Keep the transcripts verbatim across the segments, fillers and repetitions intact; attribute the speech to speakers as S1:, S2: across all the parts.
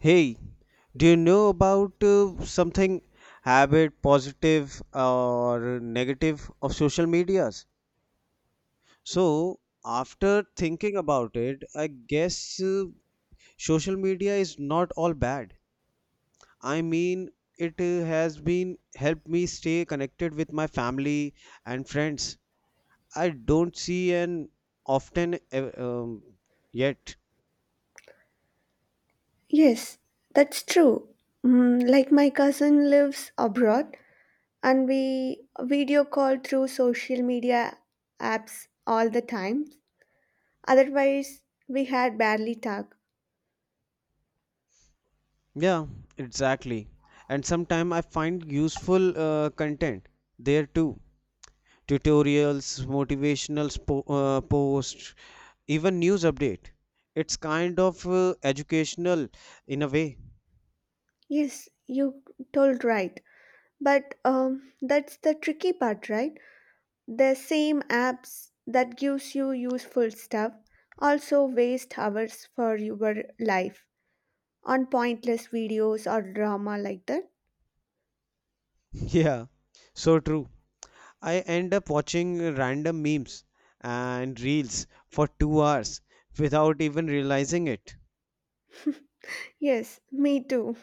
S1: Hey, do you know about uh, something habit positive or negative of social medias? So, After thinking about it, I guess uh, social media is not all bad. I mean, it uh, has been helped me stay connected with my family and friends. I don't see and often uh, um, yet.
S2: Yes, that's true. Mm, like my cousin lives abroad and we video call through social media apps all the time. Otherwise, we had barely talk.
S1: Yeah, exactly. And sometimes I find useful uh, content there too. Tutorials, motivational spo uh, posts, even news update. It's kind of uh, educational in a way.
S2: Yes, you told right. But um, that's the tricky part, right? The same apps that gives you useful stuff also waste hours for your life on pointless videos or drama like that.
S1: Yeah, so true. I end up watching random memes and reels for two hours without even realizing it.
S2: Yes, me too.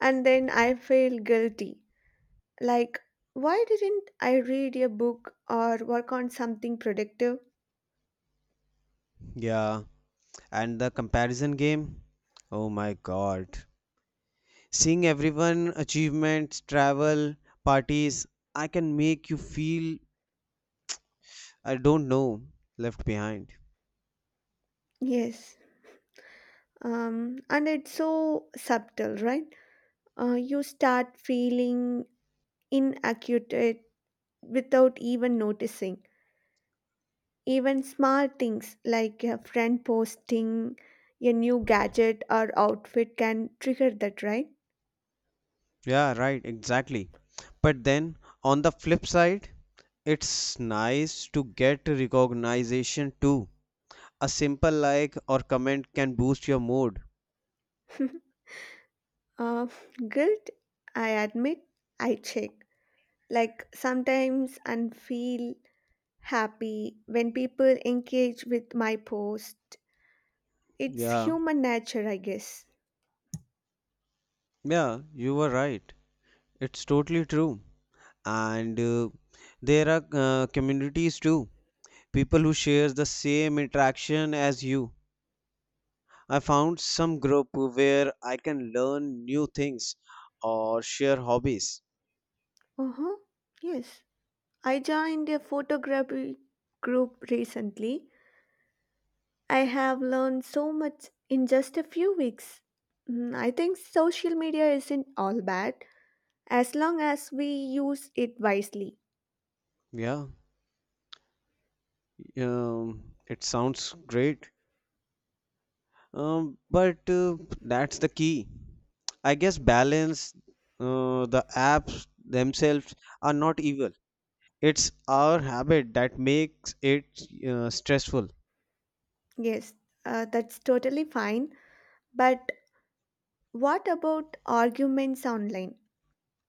S2: And then I feel guilty. Like, why didn't I read a book or work on something productive?
S1: Yeah, and the comparison game. Oh my God. Seeing everyone achievements, travel, parties, I can make you feel, I don't know, left behind.
S2: Yes. Um, and it's so subtle, right? Uh, you start feeling inaccurate without even noticing. Even small things like a friend posting a new gadget or outfit can trigger that, right?
S1: Yeah, right, exactly. But then, on the flip side, it's nice to get recognition too. A simple like or comment can boost your mood.
S2: uh, guilt, I admit, I check. Like sometimes and feel happy when people engage with my post. It's
S1: Yeah,
S2: human nature, I guess.
S1: yeah, you were right. It's totally true. And uh, there are uh, communities too. People who share the same interaction as you. I found some group where I can learn new things or share hobbies.
S2: Uh huh. Yes. I joined a photography group recently. I have learned so much in just a few weeks. Mm, I think social media isn't all bad as long as we use it wisely.
S1: Yeah, um, it sounds great. Um, but uh, that's the key. I guess balance. Uh, the apps themselves are not evil. It's our habit that makes it uh, stressful.
S2: Yes, uh, that's totally fine. But what about arguments online?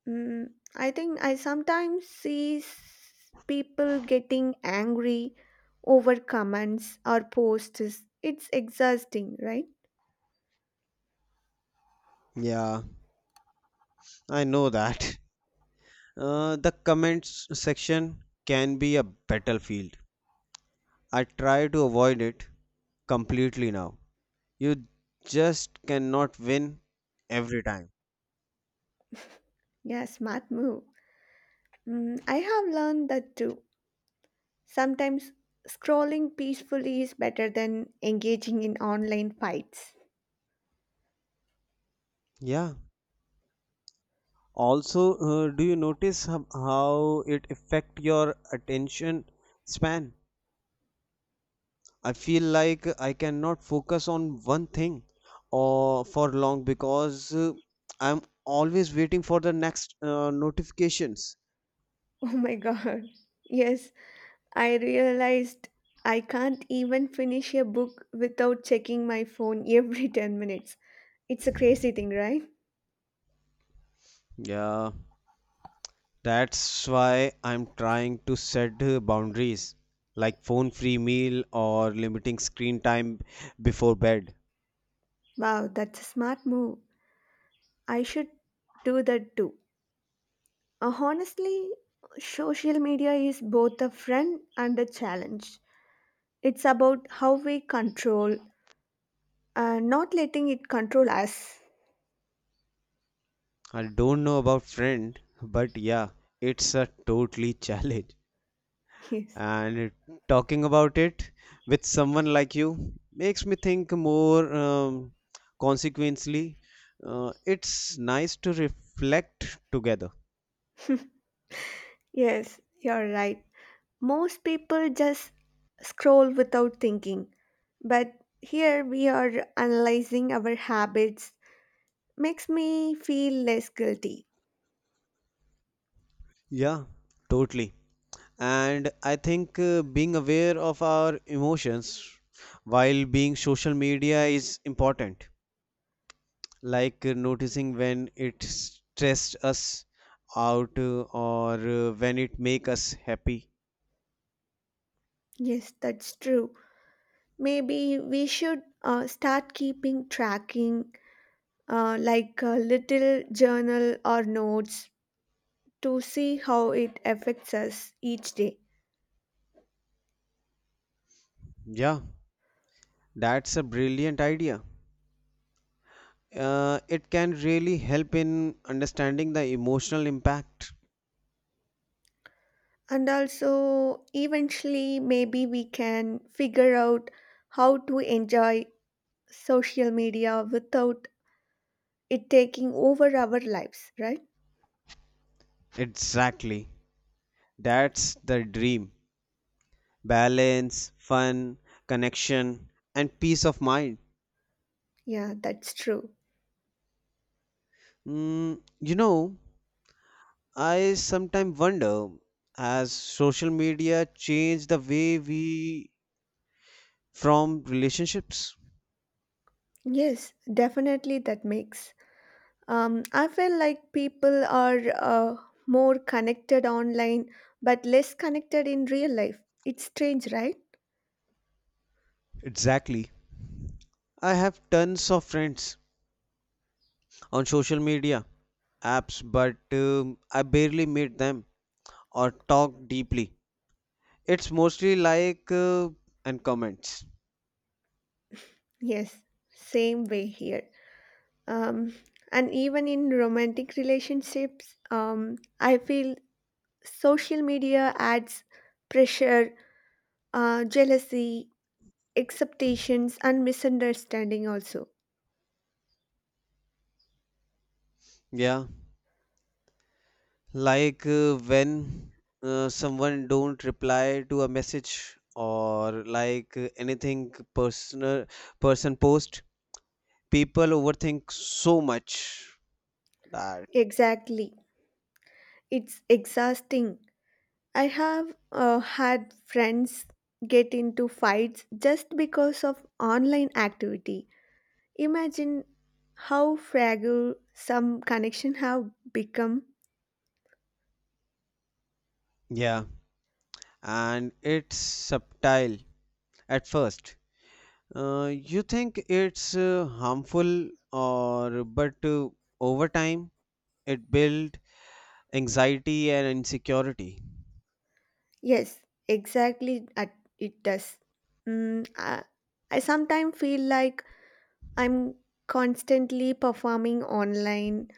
S2: Mm, I think I sometimes see s- people getting angry over comments or posts. It's exhausting, right?
S1: Yeah, I know that. Uh, the comments section can be a battlefield. I try to avoid it completely now. You just cannot win every time.
S2: Yeah, smart move. Mm, I have learned that too. Sometimes scrolling peacefully is better than engaging in online fights.
S1: Yeah. Also, uh, do you notice how, how it affect your attention span? I feel like I cannot focus on one thing or for long because uh, I'm always waiting for the next uh, notifications.
S2: Oh my god. Yes, I realized I can't even finish a book without checking my phone every ten minutes. It's a crazy thing, right?
S1: Yeah, that's why I'm trying to set uh, boundaries, like phone free meal or limiting screen time before bed.
S2: Wow, that's a smart move. I should do that too. Uh, honestly, social media is both a friend and a challenge. It's about how we control, uh, not letting it control us.
S1: I don't know about friend, but yeah, it's a totally challenge.
S2: Yes.
S1: And talking about it with someone like you makes me think more. Um, consequently, uh, it's nice to reflect together.
S2: Yes, you're right. Most people just scroll without thinking. But here we are analyzing our habits. Makes me feel less guilty.
S1: Yeah, totally. And I think uh, being aware of our emotions while being social media is important, like uh, noticing when it stressed us out, uh, or uh, when it make us happy.
S2: Yes, that's true. Maybe we should uh, start keeping tracking, uh, like a little journal or notes, to see how it affects us each day.
S1: Yeah, that's a brilliant idea. Uh, it can really help in understanding the emotional impact.
S2: And also, eventually, maybe we can figure out how to enjoy social media without it taking over our lives, right?
S1: Exactly, that's the dream. Balance, fun, connection, and peace of mind.
S2: Yeah, that's true.
S1: Mm, you know, I sometimes wonder, has social media changed the way we, from relationships?
S2: Yes, definitely, that makes. Um, I feel like people are uh, more connected online but less connected in real life. It's strange, right?
S1: Exactly. I have tons of friends on social media apps, but um, I barely meet them or talk deeply. It's mostly like uh, and comments.
S2: Yes, same way here. Um, and even in romantic relationships, um, I feel social media adds pressure, uh, jealousy, expectations, and misunderstanding also.
S1: Yeah, like uh, when uh, someone don't reply to a message or like uh, anything personal person post, people overthink so much that,
S2: Exactly. It's exhausting. I have uh, had friends get into fights just because of online activity. Imagine how fragile some connection have become.
S1: yeah, and it's subtle at first. Uh, you think it's uh, harmful, or but uh, over time it built anxiety and insecurity.
S2: Yes, exactly. at- It does. Mm, I, I sometimes feel like I'm constantly performing online,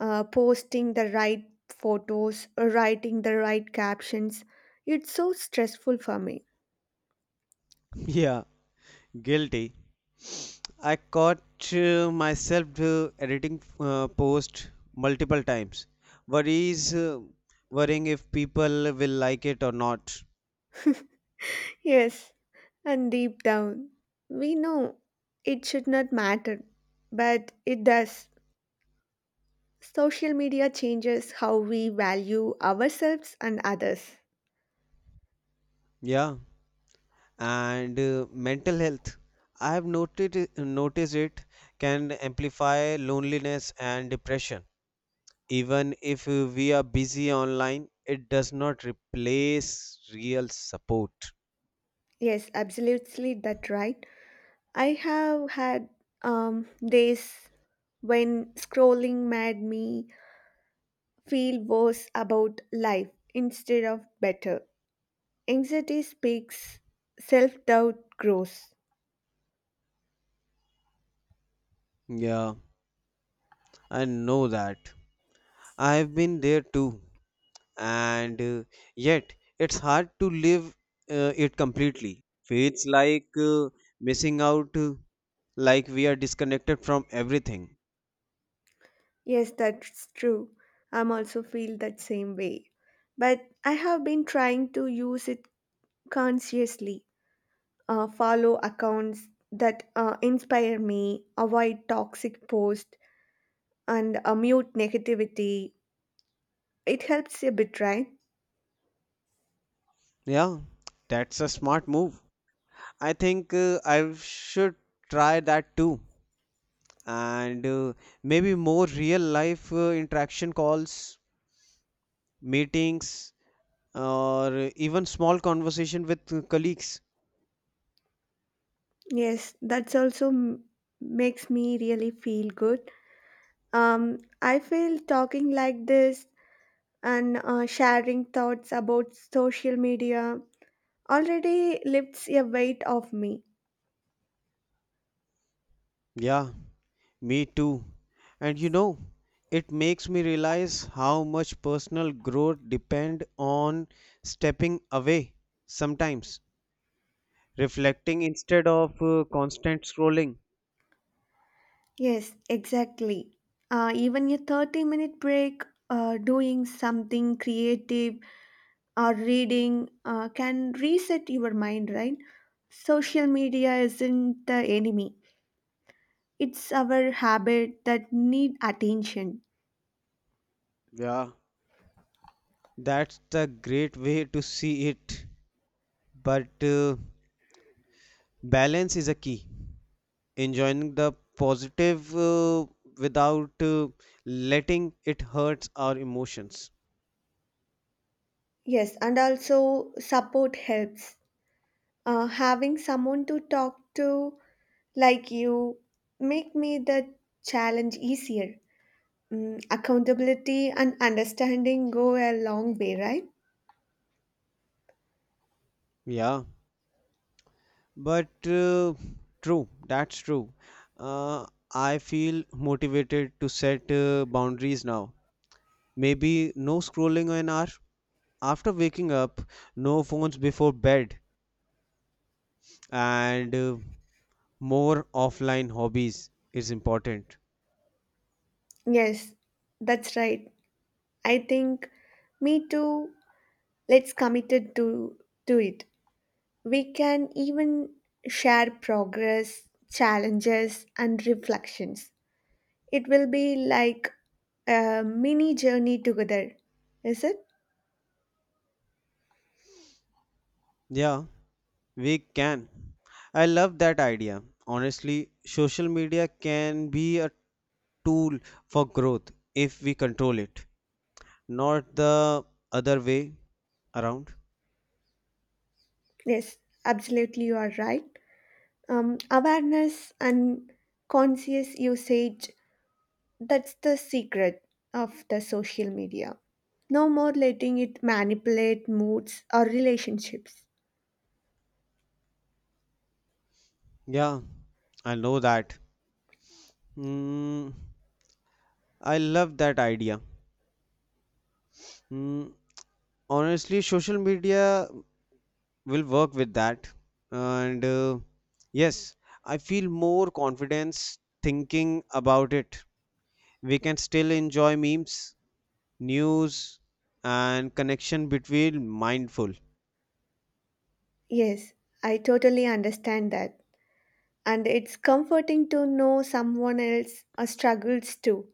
S2: uh, posting the right photos, writing the right captions. It's so stressful for me.
S1: Yeah, guilty. I caught uh, myself uh, editing uh, post multiple times. Worries, uh, Worrying if people will like it or not.
S2: Yes. And deep down, we know it should not matter, but it does. Social media changes how we value ourselves and others.
S1: Yeah, and uh, mental health. I have noted noticed it can amplify loneliness and depression. Even if uh, we are busy online, it does not replace real support.
S2: Yes, absolutely, that right. I have had um, days when scrolling made me feel worse about life instead of better. Anxiety speaks, self doubt grows.
S1: Yeah, I know that. I've been there too. And uh, yet, it's hard to live uh, it completely. Feels like uh, missing out, uh, like we are disconnected from everything.
S2: Yes, that's true. I'm also feel that same way. But I have been trying to use it consciously. Uh, follow accounts that uh, inspire me, avoid toxic posts, and uh, mute negativity. It helps a bit, right?
S1: Yeah, that's a smart move. I think uh, I should try that too. And uh, maybe more real life uh, interaction calls, meetings, or even small conversation with colleagues.
S2: Yes, that's also m- makes me really feel good. Um, I feel talking like this and uh, sharing thoughts about social media already lifts a weight off me.
S1: Yeah, me too. And you know, it makes me realize how much personal growth depend on stepping away sometimes, reflecting instead of uh, constant scrolling.
S2: Yes, exactly. Uh, even a thirty minute break, uh, doing something creative or reading uh, can reset your mind, right? Social media isn't the enemy, it's our habit that need attention.
S1: Yeah, that's the great way to see it. But uh, balance is a key. Enjoying the positive, uh, without uh, letting it hurts our emotions.
S2: Yes, and also support helps. Uh, having someone to talk to like you make me the challenge easier. Mm, accountability and understanding go a long way, right?
S1: Yeah, but uh, true, that's true. uh, I feel motivated to set uh, boundaries now. Maybe no scrolling an hour after waking up, no phones before bed, and uh, more offline hobbies is important.
S2: Yes, that's right. I think me too. Let's committed to to it. We can even share progress, challenges and reflections. It will be like a mini journey together. Is it?
S1: Yeah, we can. I love that idea. Honestly, social media can be a tool for growth if we control it, not the other way around.
S2: Yes, absolutely you are right. Um, awareness and conscious usage. That's the secret of the social media. No more letting it manipulate moods or relationships.
S1: Yeah, I know that. Hmm, I love that idea. Hmm, honestly, social media will work with that. And uh, yes, I feel more confidence thinking about it. We can still enjoy memes, news, and connection between mindful.
S2: Yes, I totally understand that. And it's comforting to know someone else uh, struggles too.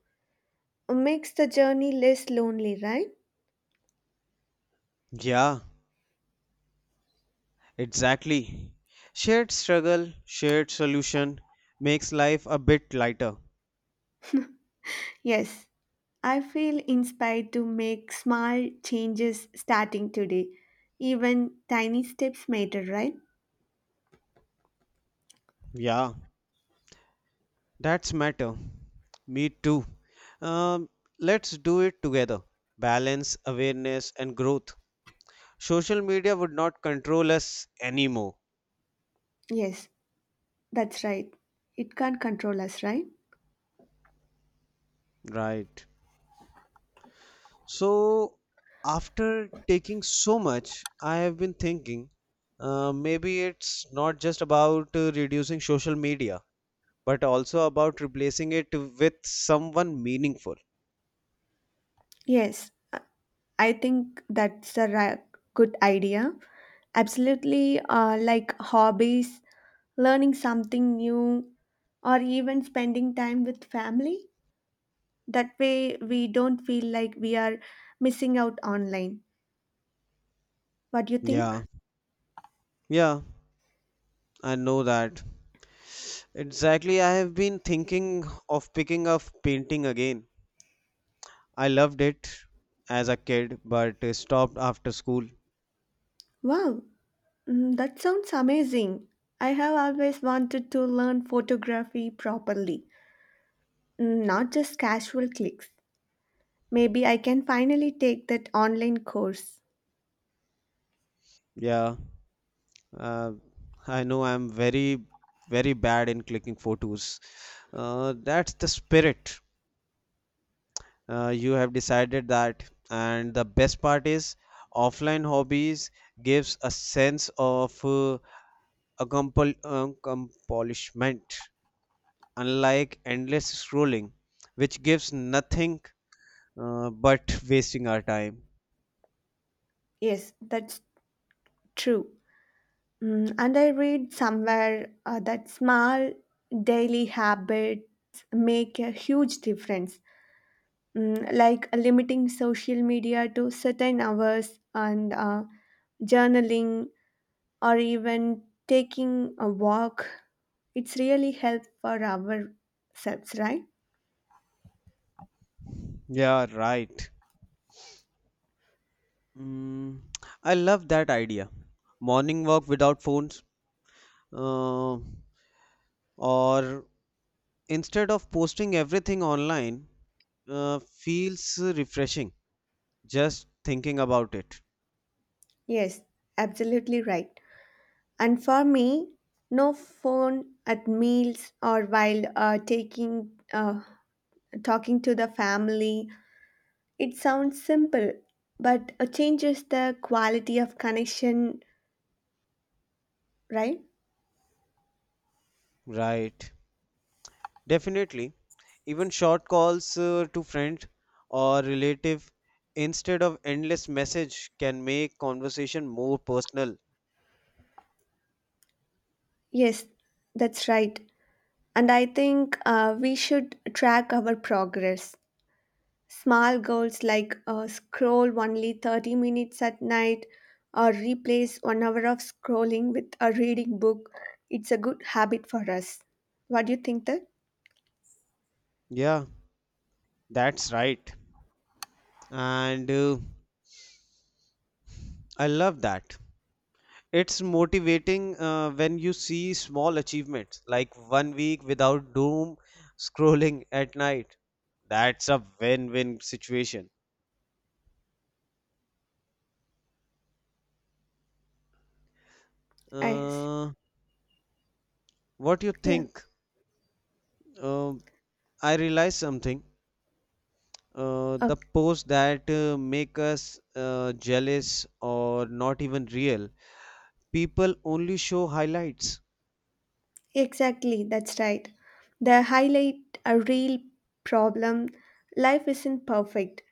S2: Makes the journey less lonely, right?
S1: Yeah, exactly. Shared struggle, shared solution makes life a bit lighter.
S2: Yes, I feel inspired to make small changes starting today. Even tiny steps matter, right?
S1: Yeah, that's matter, me too. um, let's do it together. Balance, awareness, and growth. Social media would not control us anymore.
S2: Yes, that's right. It can't control us, right?
S1: Right. So after taking so much, I have been thinking, uh, maybe it's not just about uh, reducing social media, but also about replacing it with someone meaningful.
S2: Yes, I think that's a ra- good idea. Absolutely, uh, like hobbies, learning something new, or even spending time with family. That way, we don't feel like we are missing out online. What do you think?
S1: Yeah, yeah, I know that. Exactly, I have been thinking of picking up painting again. I loved it as a kid, but uh, stopped after school.
S2: Wow, mm, that sounds amazing. I have always wanted to learn photography properly, mm, not just casual clicks. Maybe I can finally take that online course.
S1: Yeah. Uh, I know I'm very, very bad in clicking photos. Uh, that's the spirit. Uh, you have decided that, and the best part is, offline hobbies gives a sense of uh, accompl- accomplishment, unlike endless scrolling, which gives nothing uh, but wasting our time.
S2: Yes, that's true. Mm, and I read somewhere uh, that small daily habits make a huge difference, mm, like limiting social media to certain hours and uh, journaling or even taking a walk. It's really help for ourselves, right?
S1: Yeah, right. Mm, I love that idea. Morning walk without phones. Uh, or instead of posting everything online uh, feels refreshing just thinking about it.
S2: Yes, absolutely right. And for me, no phone at meals or while uh, taking uh, talking to the family. It sounds simple, but it changes the quality of connection, right?
S1: Right, definitely. Even short calls uh, to friend or relative instead of endless message can make conversation more personal.
S2: Yes, that's right. And I think uh, we should track our progress. Small goals like uh, scroll only thirty minutes at night or replace one hour of scrolling with a reading book. It's a good habit for us. What do you think that?
S1: Yeah, that's right. And uh, I love that. It's motivating uh, when you see small achievements, like one week without doom scrolling at night. That's a win-win situation.
S2: I,
S1: Uh, what you
S2: yeah.
S1: think? Um I realized something. Uh, the posts that uh, make us uh, jealous or not even real, people only show highlights.
S2: Exactly, that's right. They highlight a real problem. Life isn't perfect.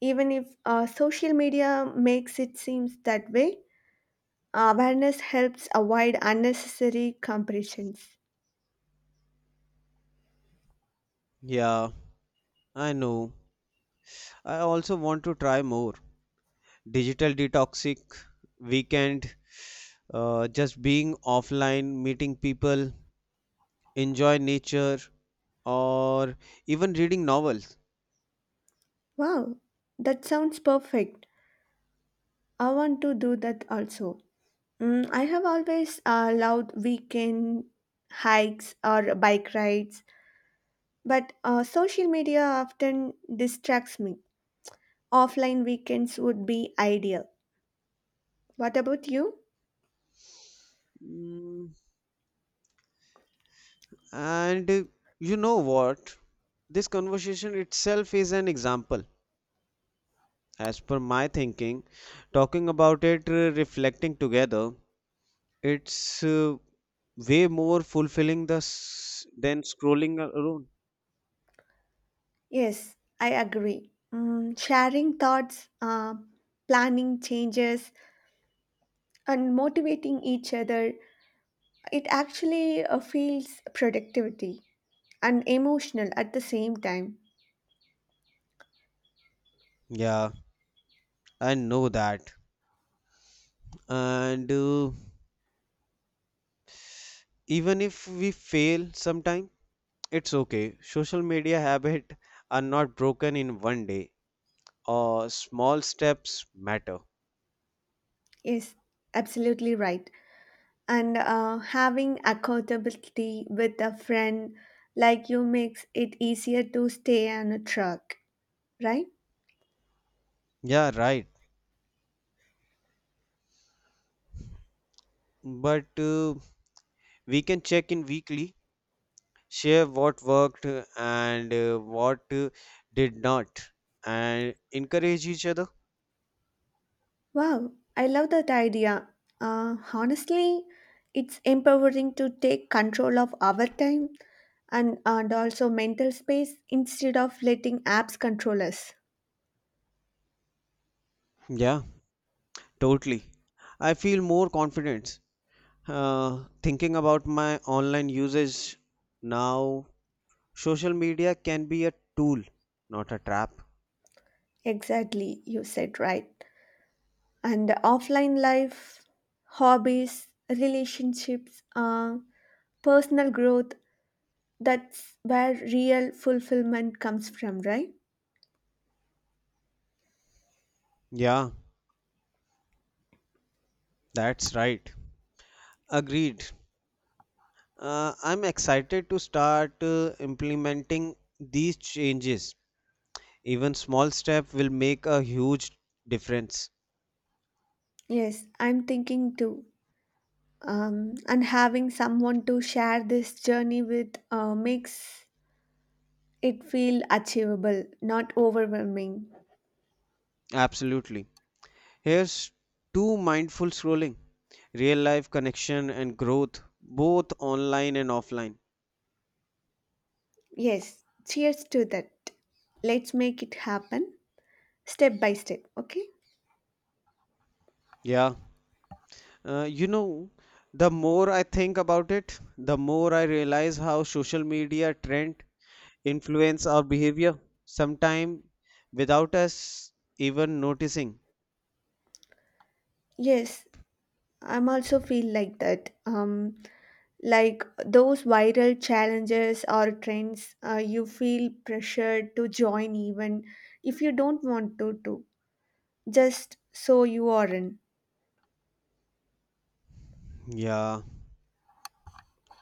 S2: Even if uh, social media makes it seem that way, awareness helps avoid unnecessary comparisons.
S1: Yeah, I know. I also want to try more. Digital detoxic weekend, uh, just being offline, meeting people, enjoy nature, or even reading novels.
S2: Wow, that sounds perfect. I want to do that also. Mm, I have always uh, loved weekend hikes or bike rides, but uh, social media often distracts me. Offline weekends would be ideal. What about you?
S1: Mm, and uh, you know what? This conversation itself is an example. As per my thinking, talking about it, uh, reflecting together, it's uh, way more fulfilling the s- than scrolling a- alone.
S2: Yes, I agree. Mm, sharing thoughts, uh, planning changes, and motivating each other, it actually uh, feels productivity and emotional at the same time.
S1: Yeah, I know that. And uh, even if we fail sometime, it's okay. Social media habits are not broken in one day. Or small steps matter.
S2: Yes, absolutely right. And uh, having accountability with a friend like you makes it easier to stay on a track, right?
S1: Yeah, right. But uh, we can check in weekly, share what worked uh, and uh, what uh, did not, and encourage each other.
S2: Wow, I love that idea. Uh, honestly, it's empowering to take control of our time and, and also mental space instead of letting apps control us.
S1: Yeah, totally. I feel more confident uh, thinking about my online usage now. Social media can be a tool, not a trap.
S2: Exactly, you said right. And the offline life, hobbies, relationships, uh, personal growth. That's where real fulfillment comes from, right?
S1: Yeah, that's right. Agreed. Uh, I'm excited to start uh, implementing these changes. Even small step will make a huge difference.
S2: Yes, I'm thinking too. um, and having someone to share this journey with uh, makes it feel achievable, not overwhelming.
S1: Absolutely. Here's two mindful scrolling, real life connection and growth, both online and offline.
S2: Yes, cheers to that. Let's make it happen step by step, okay?
S1: Yeah. Uh, you know, the more I think about it, the more I realize how social media trend influence our behavior, sometimes without us even noticing.
S2: Yes, I'm also feel like that. Um, like those viral challenges or trends, uh, you feel pressured to join even if you don't want to, to just so you are in.
S1: Yeah,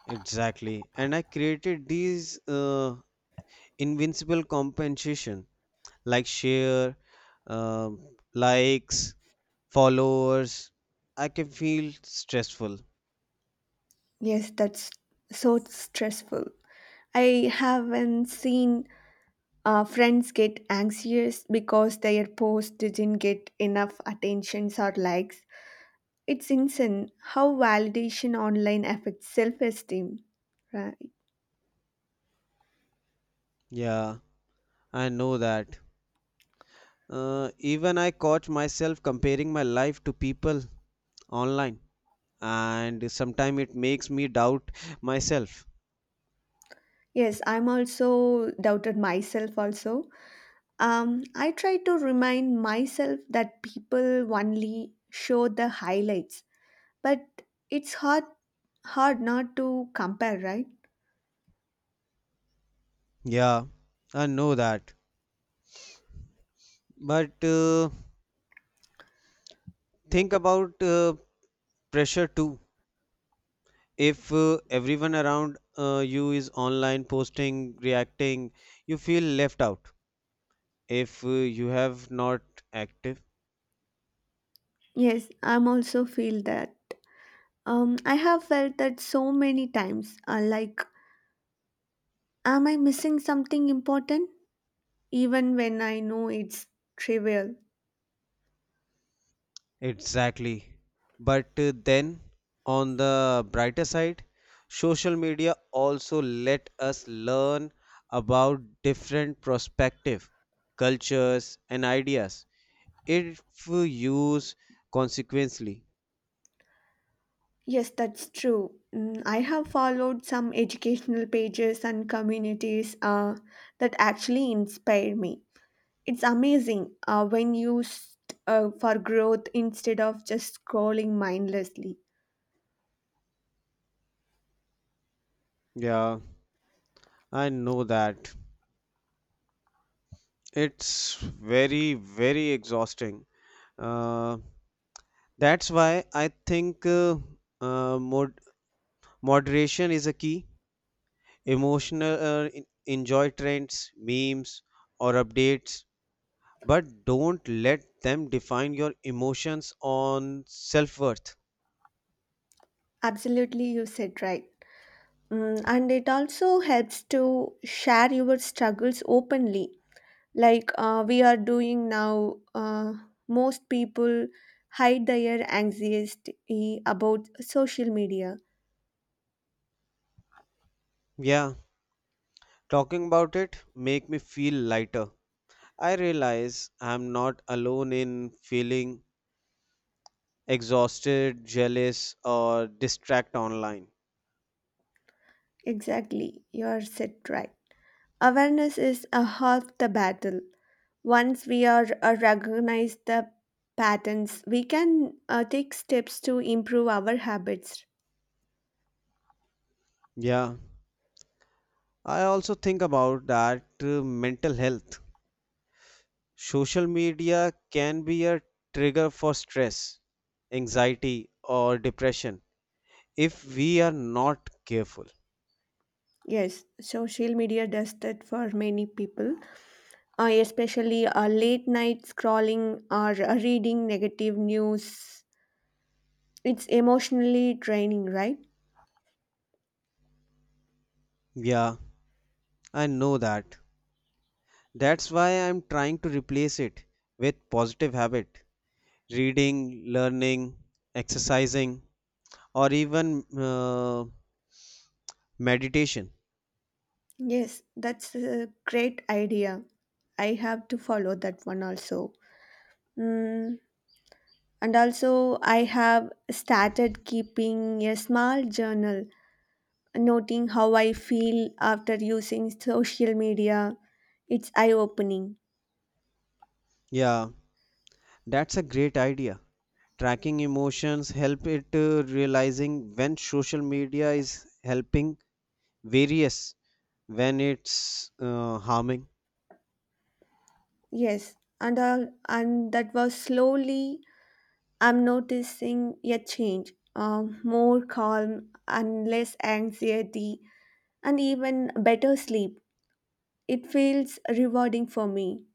S1: exactly. And I created these uh, invincible compensation, like share, um, likes, followers. I can feel stressful.
S2: Yes, that's so stressful. I haven't seen uh, friends get anxious because their post didn't get enough attentions or likes. It's insane how validation online affects self-esteem. Right.
S1: Yeah, I know that. Uh, even I caught myself comparing my life to people online, and sometimes it makes me doubt myself.
S2: Yes, I'm also doubted myself also. Um, I try to remind myself that people only show the highlights, but it's hard hard not to compare, right?
S1: Yeah, I know that. But uh, think about uh, pressure too. If uh, everyone around uh, you is online posting reacting, you feel left out if uh, you have not active.
S2: Yes, I'm also feel that. Um, I have felt that so many times. Uh, like, am I missing something important? Even when I know it's trivial.
S1: Exactly, but uh, then on the brighter side, social media also let us learn about different perspective, cultures, and ideas if we use consequently.
S2: Yes, that's true. Mm, I have followed some educational pages and communities uh, that actually inspire me. It's amazing uh, when used uh, for growth instead of just scrolling mindlessly.
S1: Yeah, I know that. It's very very exhausting. Uh, that's why I think uh, uh, mod- moderation is a key. Emotional uh, en- enjoy trends, memes, or updates, but don't let them define your emotions on self worth.
S2: Absolutely, you said right. Mm, and it also helps to share your struggles openly, like uh, we are doing now. Uh, most people hide their anxiety about social media.
S1: Yeah, talking about it make me feel lighter. I realize I'm not alone in feeling exhausted, jealous, or distract online.
S2: Exactly, you are said right. Awareness is a half the battle. Once we are uh, recognize the patterns, we can uh, take steps to improve our habits.
S1: Yeah, I also think about that uh, mental health. Social media can be a trigger for stress, anxiety, or depression if we are not careful.
S2: Yes, social media does that for many people, uh, especially uh, late night scrolling or uh, reading negative news. It's emotionally draining, right?
S1: Yeah, I know that. That's why I'm trying to replace it with positive habit. Reading, learning, exercising, or even uh, meditation.
S2: Yes, that's a great idea. I have to follow that one also. Mm, and also, I have started keeping a small journal noting how I feel after using social media. It's eye opening.
S1: Yeah, that's a great idea. Tracking emotions help it uh, realizing when social media is helping various when it's uh, harming.
S2: Yes, and uh, and that was slowly. I'm noticing a change. Um, more calm and less anxiety, and even better sleep. It feels rewarding for me.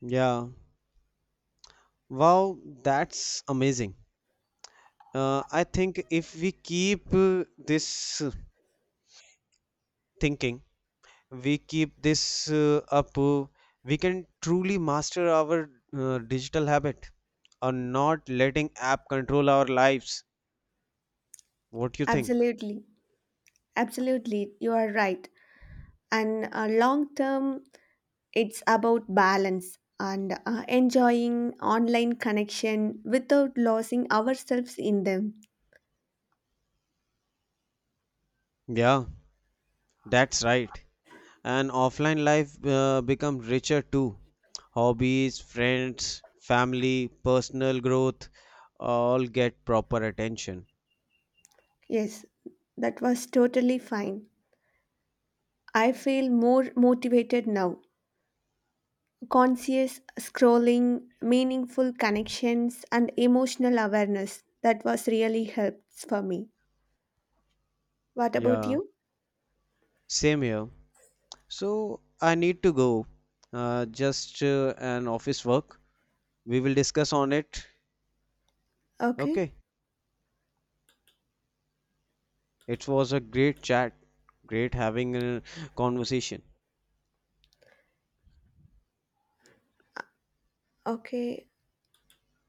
S1: Yeah. Wow, that's amazing. Uh, I think if we keep uh, this uh, thinking, we keep this uh, up, uh, we can truly master our uh, digital habit on not letting app control our lives. What you think?
S2: Absolutely, absolutely, you are right. And uh, long term, it's about balance and uh, enjoying online connection without losing ourselves in them.
S1: Yeah, that's right. And offline life uh, becomes richer too. Hobbies, friends, family, personal growth all get proper attention.
S2: Yes, that was totally fine. I feel more motivated now. Conscious scrolling, meaningful connections, and emotional awareness. That was really helps for me. What about
S1: Yeah,
S2: you?
S1: same here. So I need to go. Uh, just uh, an office work. We will discuss on it.
S2: Okay,
S1: Okay. It was a great chat. Great having a conversation.
S2: okay.